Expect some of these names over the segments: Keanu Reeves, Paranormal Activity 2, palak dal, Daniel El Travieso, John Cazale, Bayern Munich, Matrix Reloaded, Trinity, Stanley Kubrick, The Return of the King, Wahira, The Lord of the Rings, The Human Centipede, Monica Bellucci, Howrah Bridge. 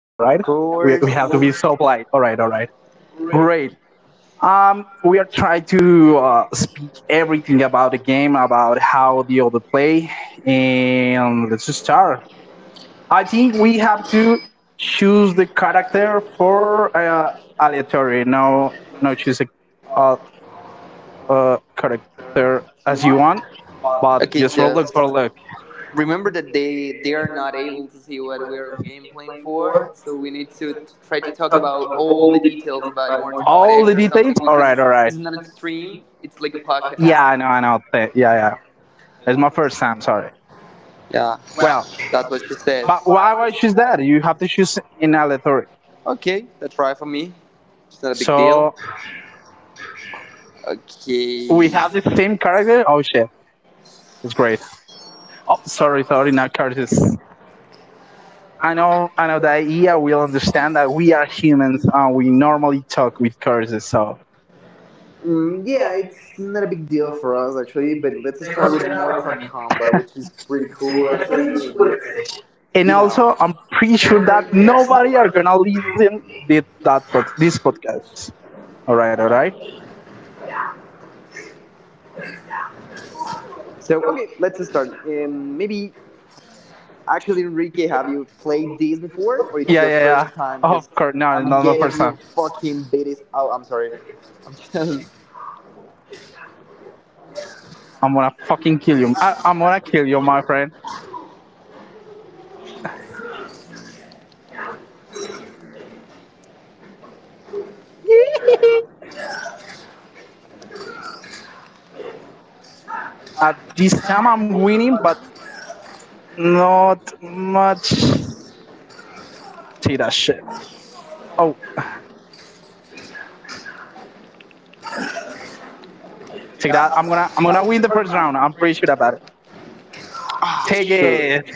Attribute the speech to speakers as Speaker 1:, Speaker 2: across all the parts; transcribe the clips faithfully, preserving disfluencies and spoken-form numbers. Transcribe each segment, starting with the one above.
Speaker 1: We we have to be so polite. All right, all right, great. Um, we are trying to uh, speak everything about the game, about how the other play, and let's just start. I think we have to choose the character for uh, aleatory. No, no, choose a, a, a character as you want, but just for look for look. All the details. All right, all right. Yeah, I know, I know. Th- Yeah, yeah. It's my first time. Sorry. Well, but why why choose that? You have to choose in aleatory. So we have the same character. Oh shit, it's great. Oh, sorry, sorry, not Curtis. I know, I know that Ia will understand that we are humans and we normally talk with curses. So, and also, I'm pretty sure that nobody are gonna listen did that pod- this podcast. All right, all right. Yeah, yeah, yeah. Oh, of course, no, it's not my first time. I'm gonna fucking kill you. I, I'm gonna kill you, my friend. At this time, I'm winning, but not much. See that shit. Oh, take that. I'm gonna I'm gonna win the first round. I'm pretty sure about it. Take it.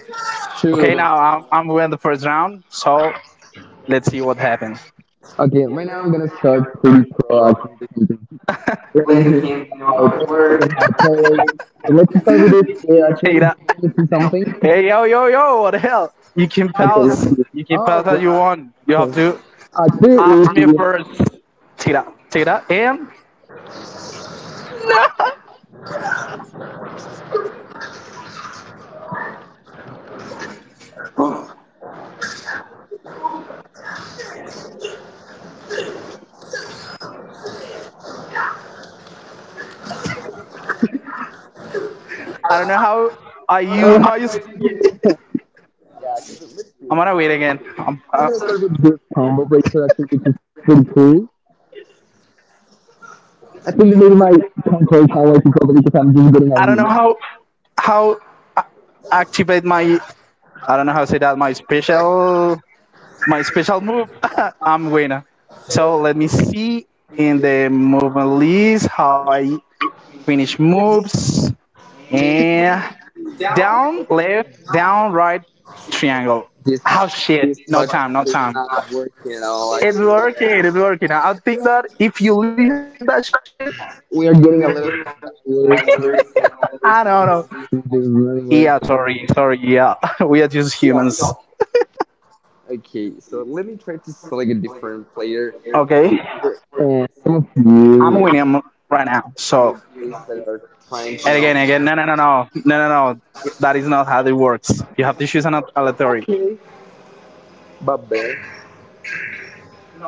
Speaker 1: Okay, now I'm I'm winning the first round. So let's see what happens. Take that. Hey yo yo yo! What the hell? You can
Speaker 2: Okay, let's
Speaker 1: pause.
Speaker 2: see.
Speaker 1: You can pause that you want. You have to after me first. Take that. Take that. And no. I don't know how I use
Speaker 2: Um,
Speaker 1: my.
Speaker 2: I
Speaker 1: I'm gonna wait again. I'm, uh,
Speaker 2: started with this combo breaker, I think, which is pretty cool. I think the name of my combo sound I it probably because I'm just
Speaker 1: I
Speaker 2: getting
Speaker 1: don't know
Speaker 2: a
Speaker 1: how how activate my. I don't know how to say that my special my special move. I'm winner. So let me see in the movement list how I finish moves, and down left down right triangle. Oh shit! No time, no time. It's working. It's working. I think that if you listen that shit, it's gonna be fun. I don't know. Yeah, sorry, sorry. Yeah, we are just humans. Okay. I'm William right now. So and again, again, no, no, no, no, no, no, no. That is not how it works. You have to choose an al- aleatory.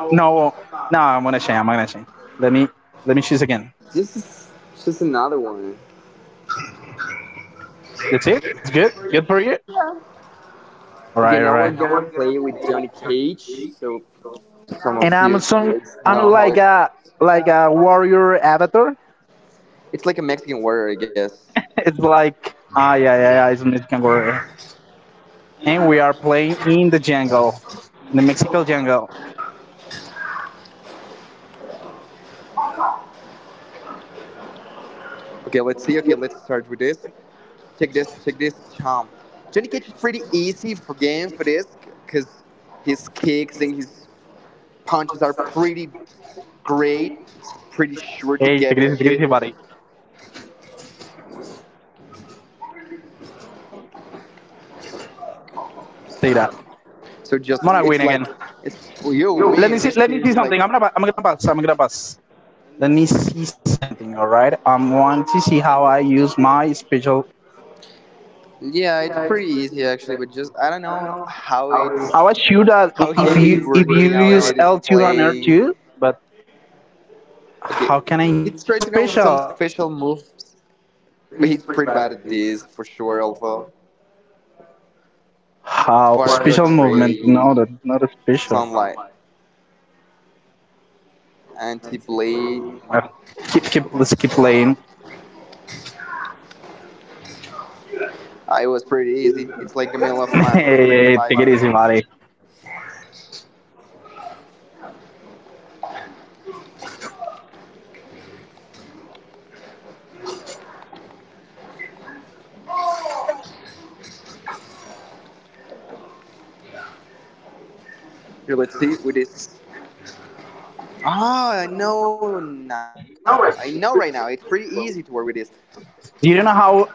Speaker 1: No, no, I'm gonna change. I'm gonna change. Let me, let me choose again. That's it. It's good. Good for you. All right, all right. And I'm some, I'm like a, like a warrior avatar. It's like, ah, yeah, yeah, yeah. It's a Mexican warrior. And we are playing in the jungle, in the Mexican jungle. Hey, take it easy, take it easy, buddy. Take that. Monaguin again. Let me see. Let me see something. I'm gonna. I'm gonna pass. I'm gonna pass. Let me see something. All right. I want to see how I use my special. Yeah, it's pretty, I don't know how to, I should uh, how if to you use if you use L two and R two, but how can I use the special? How special movement? No, that's not a special. Uh, Keep keep let's keep playing. Hey, take it easy, buddy. Do you know how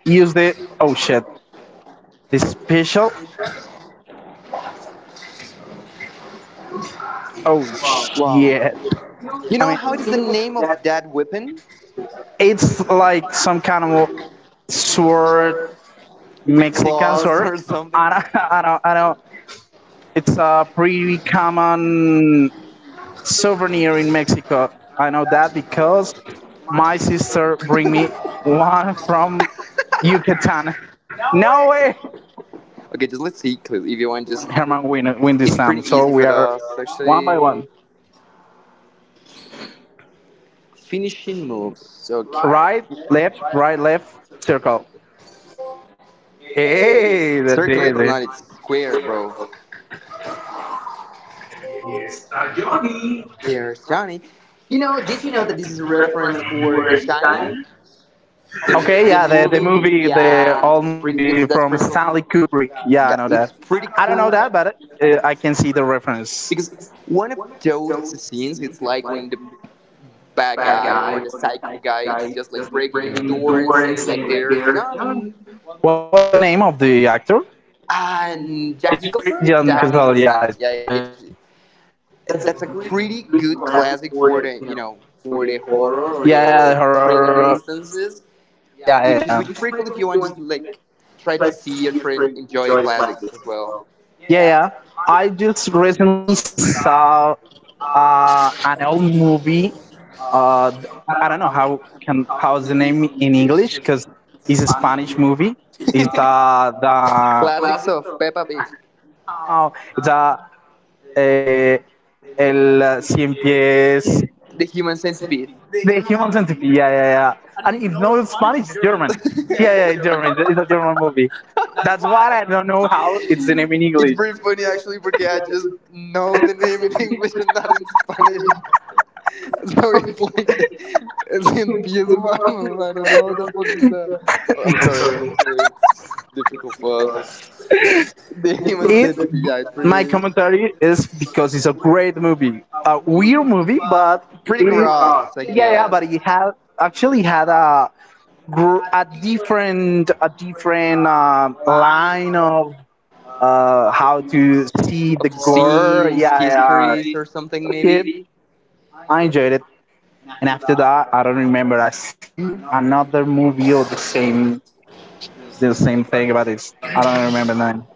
Speaker 1: use the? Oh shit! The special? Oh shit. I mean, it's like some kind of sword, Mexican sword. I don't, I don't, I don't. It's a pretty common souvenir in Mexico. I know that because my sister bring me one from Yucatan. No way. Herman win, win this time. So we are one by one. Right, left, right, left, circle. Hey, that's it. Okay, yeah, the, the movie, the old movie from Stanley Kubrick. Yeah, I know that. I don't know that, but uh, I can see the reference. What was the name of the actor? It's pretty, John Cazale, yeah, it's pretty famous. Yeah, the horror. Yeah, yeah, yeah. Yeah, yeah. I just recently saw uh, an old movie. Uh, I don't know how can how's the name in English because it's a Spanish movie. It's uh, the now it's a uh, eh, el uh, cien pies, the human centipede. Yeah, yeah, yeah. And if no Spanish, it's German. Yeah, yeah, German. It's a German movie. That's why I don't know how it's the name in English. It, my commentary is because it's a great movie, a weird movie, but it, yeah, yeah, but it had actually had a gr- a different a different um line of uh, how to see the gore. Yeah, yeah, it, I enjoyed it. And after that, I don't remember. I see another movie or the same the same thing, but it's I don't remember the name.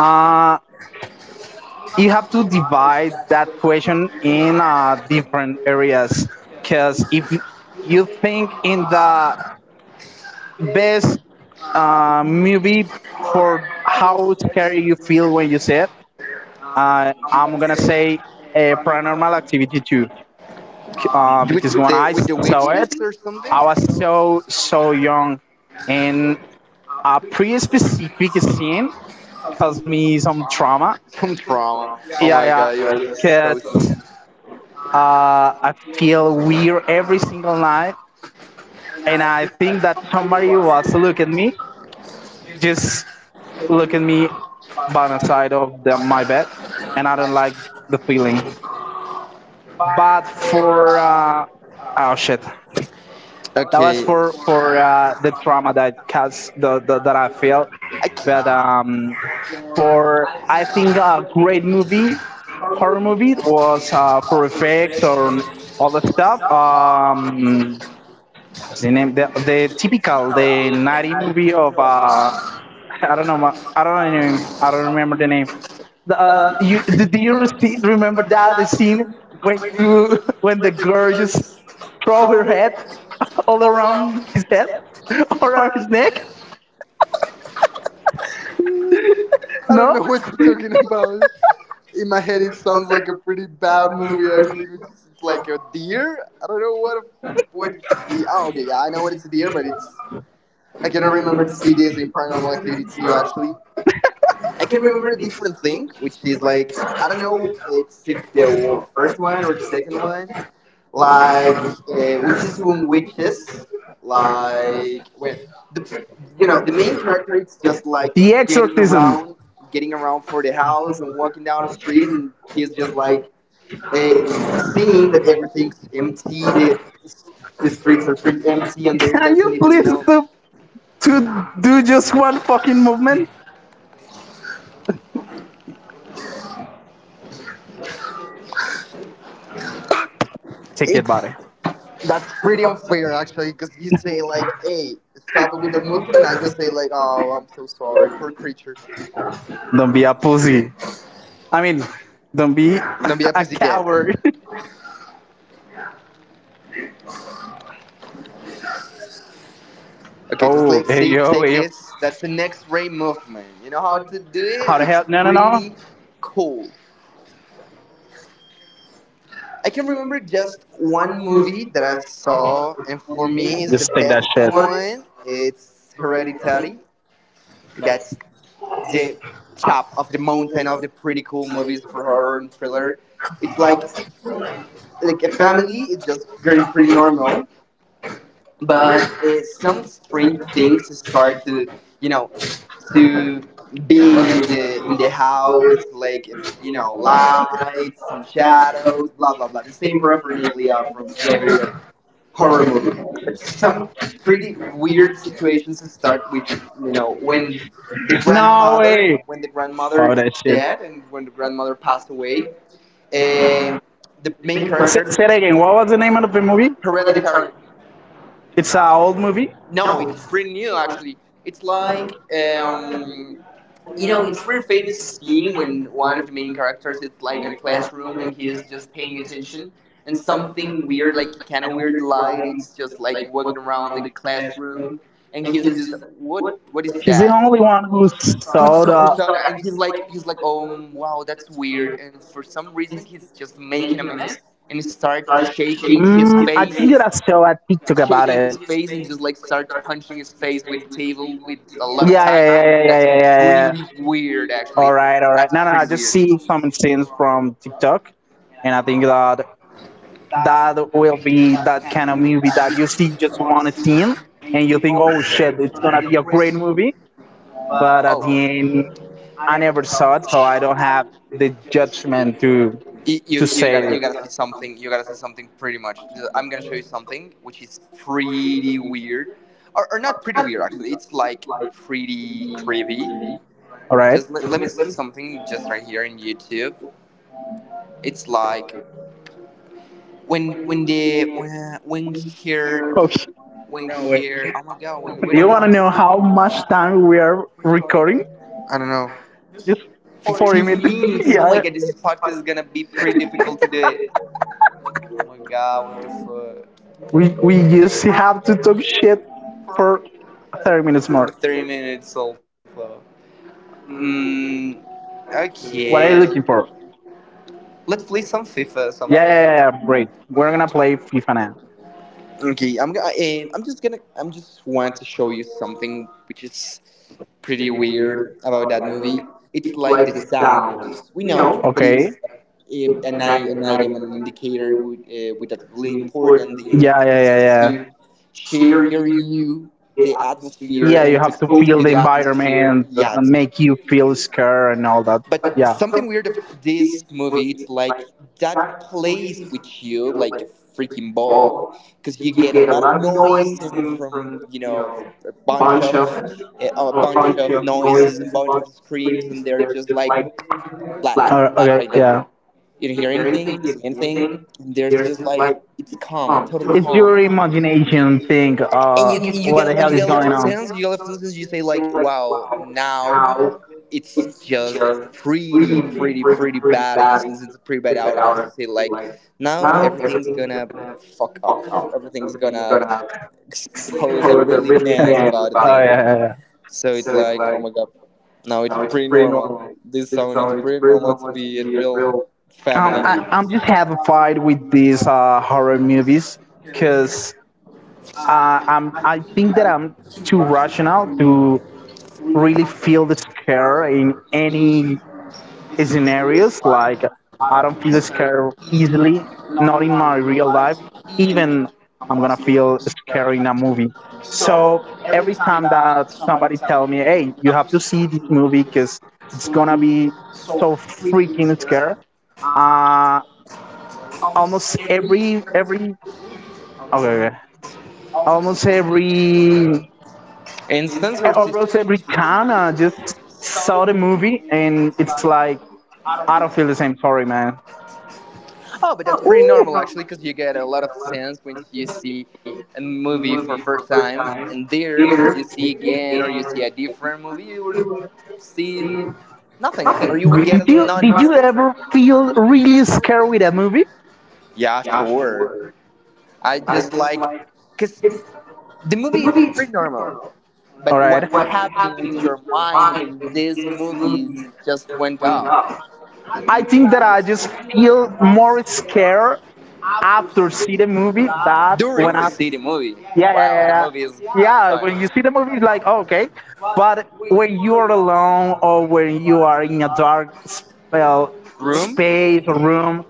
Speaker 1: Uh, you have to divide that question in uh, different areas because if you think in the best uh, movie for how scary you feel when you see it, uh, I'm gonna say a paranormal activity two, uh, because when I saw it I was so so young, and a pretty specific scene caused me some trauma. Yeah, yeah. 'Cause uh, I feel weird every single night, and I think that somebody was look at me, just look at me by my side of the, my bed, and I don't like the feeling. But for uh, oh shit, that was for for uh, the trauma that caused the, the that I felt. But um, for I think a great movie, horror movie was uh, Perfect or all the stuff. Um, the name the, the typical the naughty movie of uh I don't know ma- I don't know name- I don't remember the name. The, uh, you do, do you see, remember that the scene when you when the girl just throw her head all around his head all around his neck? No. Can you please stop to do just one fucking movement? Take it, buddy. Don't be a pussy. I mean, don't be a coward. Oh, hey yo, hey yo. How the hell? No, no, no. Just take that shit. That again. What was the name of the movie? It's an old movie. It's the only one who who saw. I saw a TikTok about, yeah, yeah, yeah, yeah, yeah, yeah, yeah. Yeah. All right, all right. No, no, I just see some scenes from TikTok, and I think that that will be that kind of movie that you see just one scene, and you think, oh shit, it's gonna be a great movie. But at the end, I never saw it, so I don't have the judgment to to say, all right. Oops. Do you want to know how much time we are recording? Just forty minutes. Yeah. We, we just have to talk shit for thirty minutes more. What are you looking for? Yeah, yeah, yeah, yeah, great. We're gonna play FIFA now. Okay. Yeah, yeah, yeah, yeah. Yeah, you have to feel the environment, uh, make you feel scared and all that. Yeah. Uh, it's your imagination thing. Uh, yeah, yeah. I, I'm just have a fight with these uh, horror movies because Uh, um, I think that I'm too rational to really feel the scare in any scenarios. Like I don't feel the scare easily, not in my real life. Even I'm gonna feel scary in a movie. So every time that somebody tell me, "Hey, you have to see this movie because it's gonna be so freaking scary," uh, almost every every okay, okay. almost every I every time I just saw the movie and it's like I don't feel the same. Sorry, man. Ooh. Did you did you ever feel really scared with that movie? All right. I think that I just feel more scared after see the movie. That's when I, yeah, yeah, yeah, yeah, yeah, when you see the movie, like, oh, okay, but when you're alone or when you are in a dark spell space or room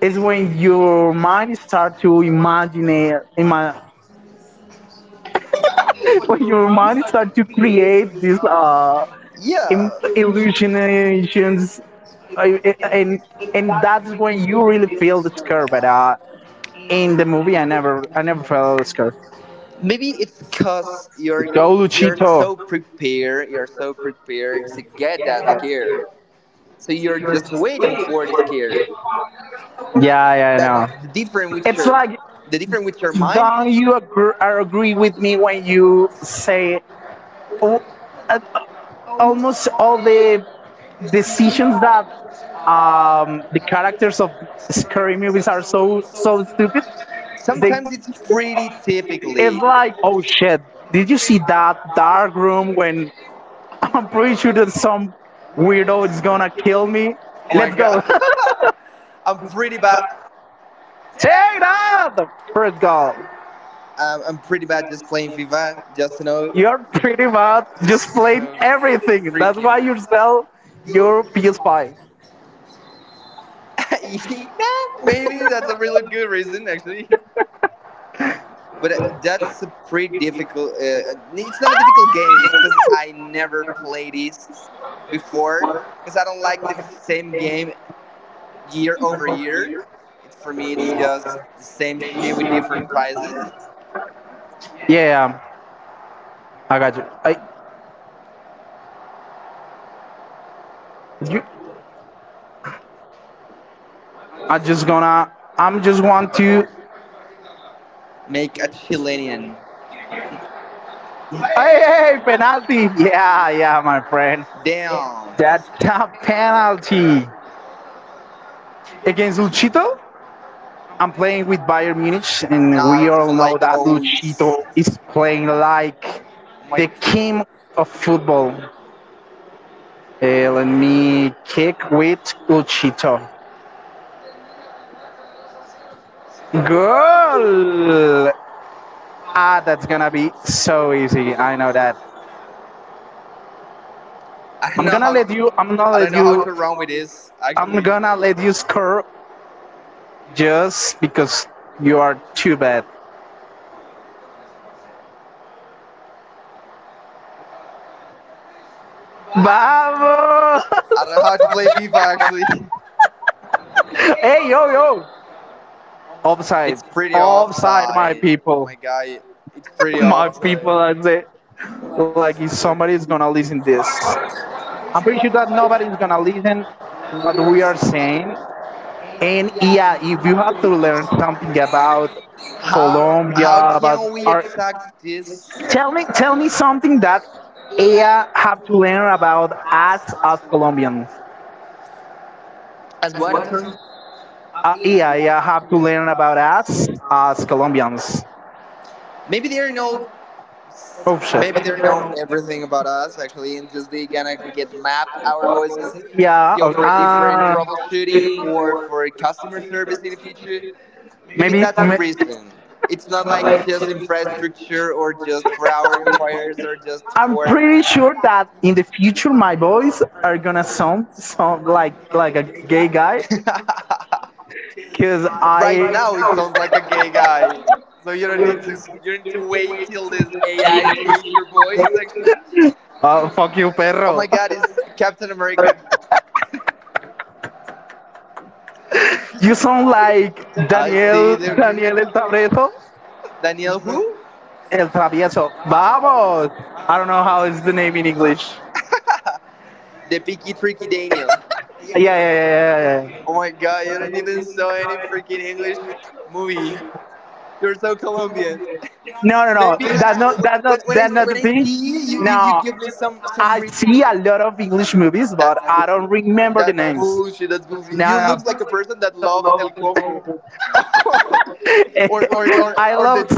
Speaker 1: is when your mind start to imagine it- ima- when your mind start to create these uh Im- illusionations, uh, and and that's when you really feel the scare, but uh in the movie i never I never felt scared. Go Luchito. Yeah, yeah, I know. It's like, don't you agree, uh, agree with me when you say, oh, uh, almost all the decisions that um, the characters of scary movies are so so stupid? They, it's like, oh shit, did you see that dark room when I'm pretty sure that some weirdo is gonna kill me? Let's go. Check it out! First goal. You're pretty much just playing everything. That's why you sell your P S five. Yeah, I got you. I, you, I just gonna. I'm just want to. Hey, hey, hey, penalty! Yeah, yeah, my friend. That's a penalty against Luchito. I'm playing with Bayern Munich, and we all know that Luchito is playing like the king of football. Eh, let me kick with Uchito. Goal! Ah, that's gonna be so easy. I know that. I'm gonna let you. I'm gonna let you. I'm gonna let you score just because you are too bad. Vamos! Hey, yo, yo! Offside. Offside, my people. My people, that's it. Like, if somebody's gonna listen this. I'm pretty sure that nobody's gonna listen what we are saying. And yeah, if you have to learn something about Colombia, about our, tell me, tell me something that A I have to learn about us as Colombians. Uh, yeah, yeah, have to learn about us as Colombians. Oh shit. Yeah, okay. uh, maybe may- I'm pretty sure that in the future my boys are gonna sound sound like like a gay guy, cause I uh, fuck you, perro. You sound like Daniel Daniel El Travieso. El Travieso. Vamos. I don't know how is the name in English. Yeah, yeah, yeah, yeah, yeah. No, no, no. That's not that's not that's not the thing. No, I see a lot of English movies, but I don't remember the names. No, no. I love.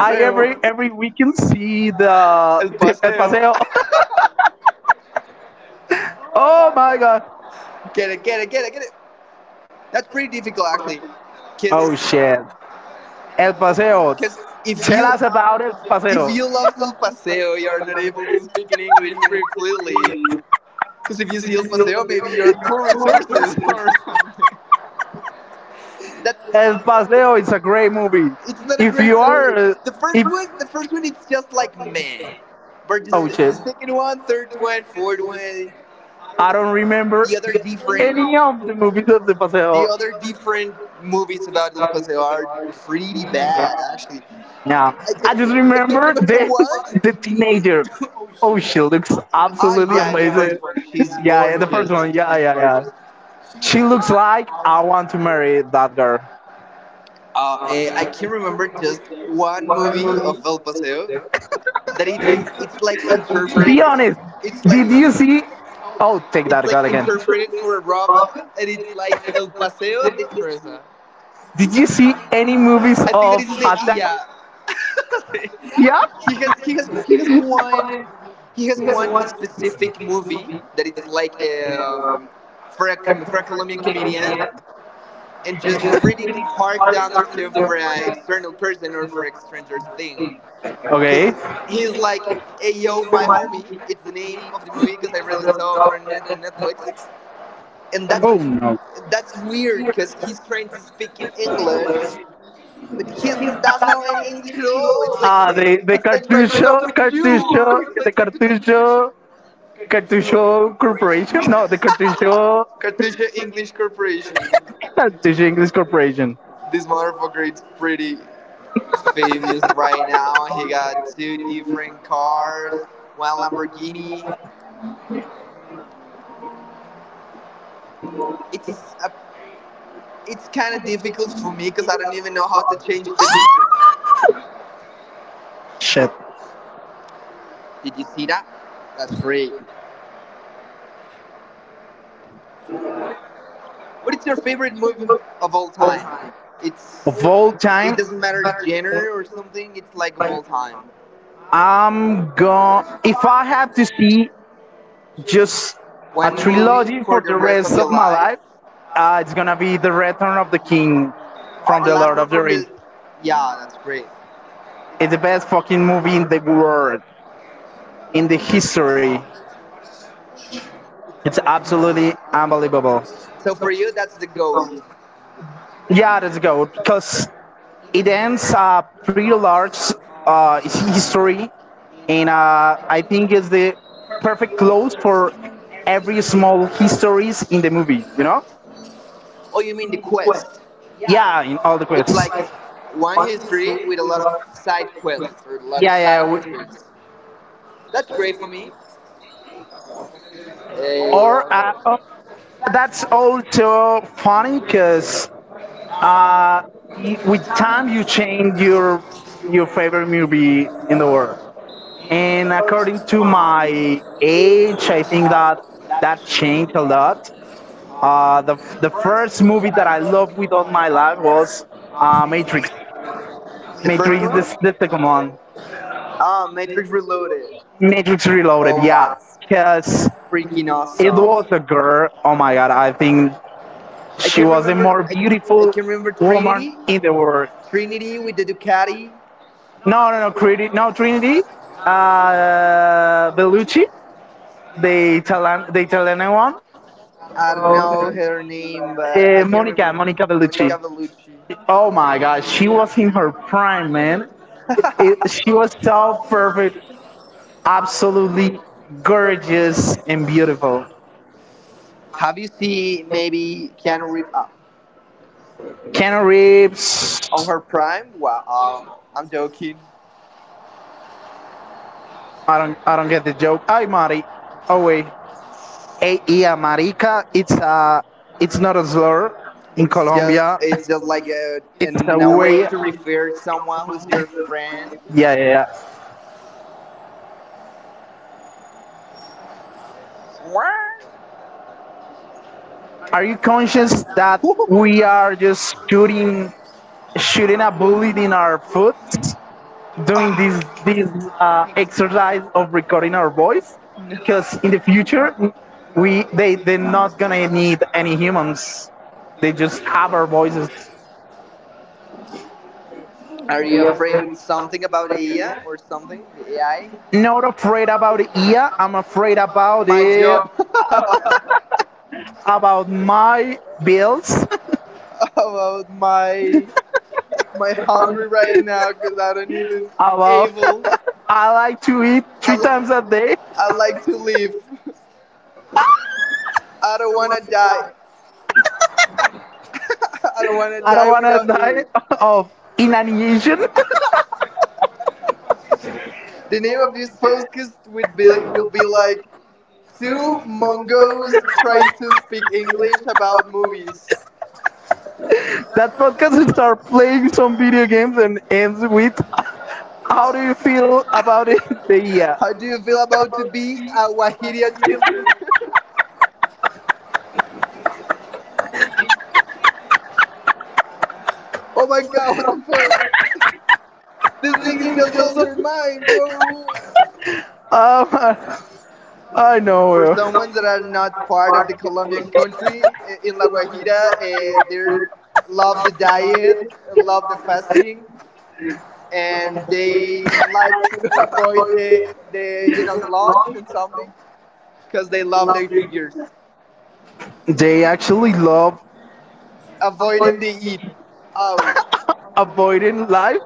Speaker 1: I every every weekend see the the El Paseo. Oh my god. Oh shit. El Paseo. Tell us about El Paseo. El Paseo is a great movie. If you are, uh, if oh shit, I don't remember any of the movies of the Paseo. No, I just remember the the teenager. Oh, she looks absolutely amazing. Yeah, yeah, the first one. Yeah, yeah, yeah. She looks like I want to marry that girl. Be honest. Did you see? Oh, take that God again. Did you see any movies of Haslam? Yeah. He has one specific movie. Okay. Oh no. Ah, the the cartucho, cartucho, the cartucho. Cartucho Corporation? No, the Cartucho, Cartucho English Corporation. Shit. Of all time, I'm going. If I had to see just a trilogy for the rest of my life, uh, it's gonna be The Return of the King from The Lord of the Rings. It's the best fucking movie in the world, in the history. It's absolutely unbelievable. Yeah, let's go because it ends a pretty large uh, history, and uh, I think it's the perfect close for every small histories in the movie. You know? Yeah, in all the quests. Yeah, yeah. we- Or uh, oh, that's also funny because uh, y- with time you change your your favorite movie in the world. And according to my age, I think that that changed a lot. Uh, the the first movie that I loved with all my life was uh, Matrix. Matrix this, this second one. Matrix Reloaded, yeah. Because it was a girl. Oh my god, I think she was the more beautiful woman in the world. No, no, no, Trinity, no Trinity, uh, Bellucci, the Italian, the Italian one, uh, Monica, Monica Bellucci. Oh my god, she was in her prime, man. It, she was so perfect, absolutely gorgeous and beautiful. Keanu Reeves. I don't I don't get the joke. Ay, Mari. Oh wait. Ay, Marica. It's a it's not a slur in Colombia. It's a way. Yeah, yeah, yeah. Are you conscious that we are just shooting shooting a bullet in our foot, doing this this uh, exercise of recording our voice? Because in the future, we they they're not gonna need any humans. They just have our voices. Not afraid about it. Yeah, I'm afraid about it. About my bills. About I like to eat three times a day. I don't wanna die of inanition. That podcast will start playing some video games and ends with how do you feel about it? The yeah. Um, I know. uh, They actually love avoiding life.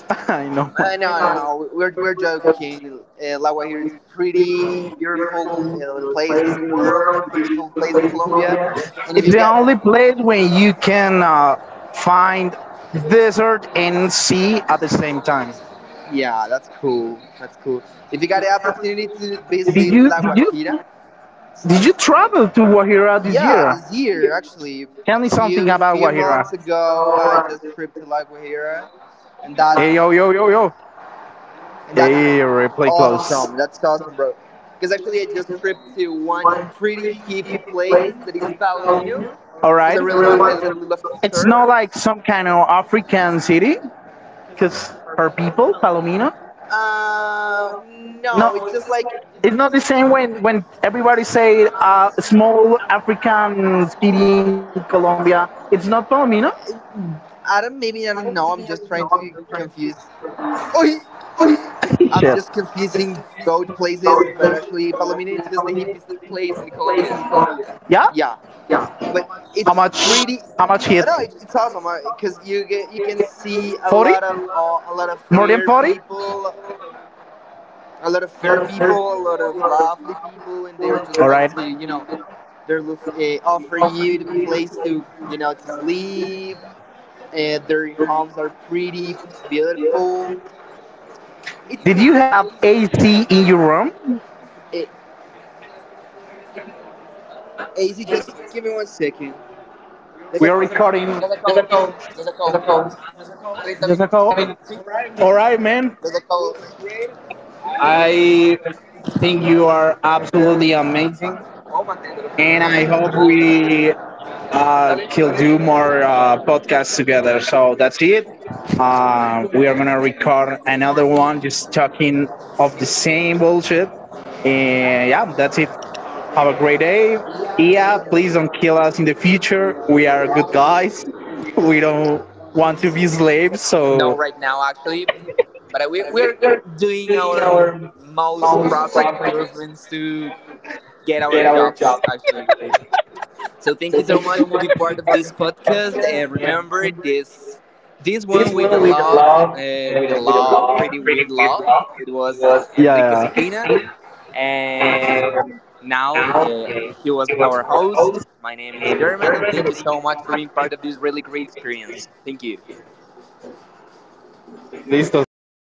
Speaker 1: I know. I know, it's the only place where you can uh, find desert and sea at the same time. Did you? Did you? Did you travel to Wahira this year? Tell me something about Wahira. Hey, yo, yo, yo, yo. Hey, replay close. All right. It's not like some kind of African city because her people, Palomino. No, it's not the same when, when everybody say uh, small African city in Colombia. It's not Palomino. Shit. Yeah. How much? How much hit? Forty? More than forty? All right. Did you have A C in your room? We are recording just a call. All right, man. I think you are absolutely amazing, and I hope we uh, can do more uh, podcasts together. So that's it. Uh, we are gonna record another one, just talking of the same bullshit. And yeah, that's it. Have a great day. Yeah, please don't kill us in the future. We are good guys. We don't want to be slaves. So yeah. And and now it was for host. My name is German, and thank you so much. Listo, se fue presta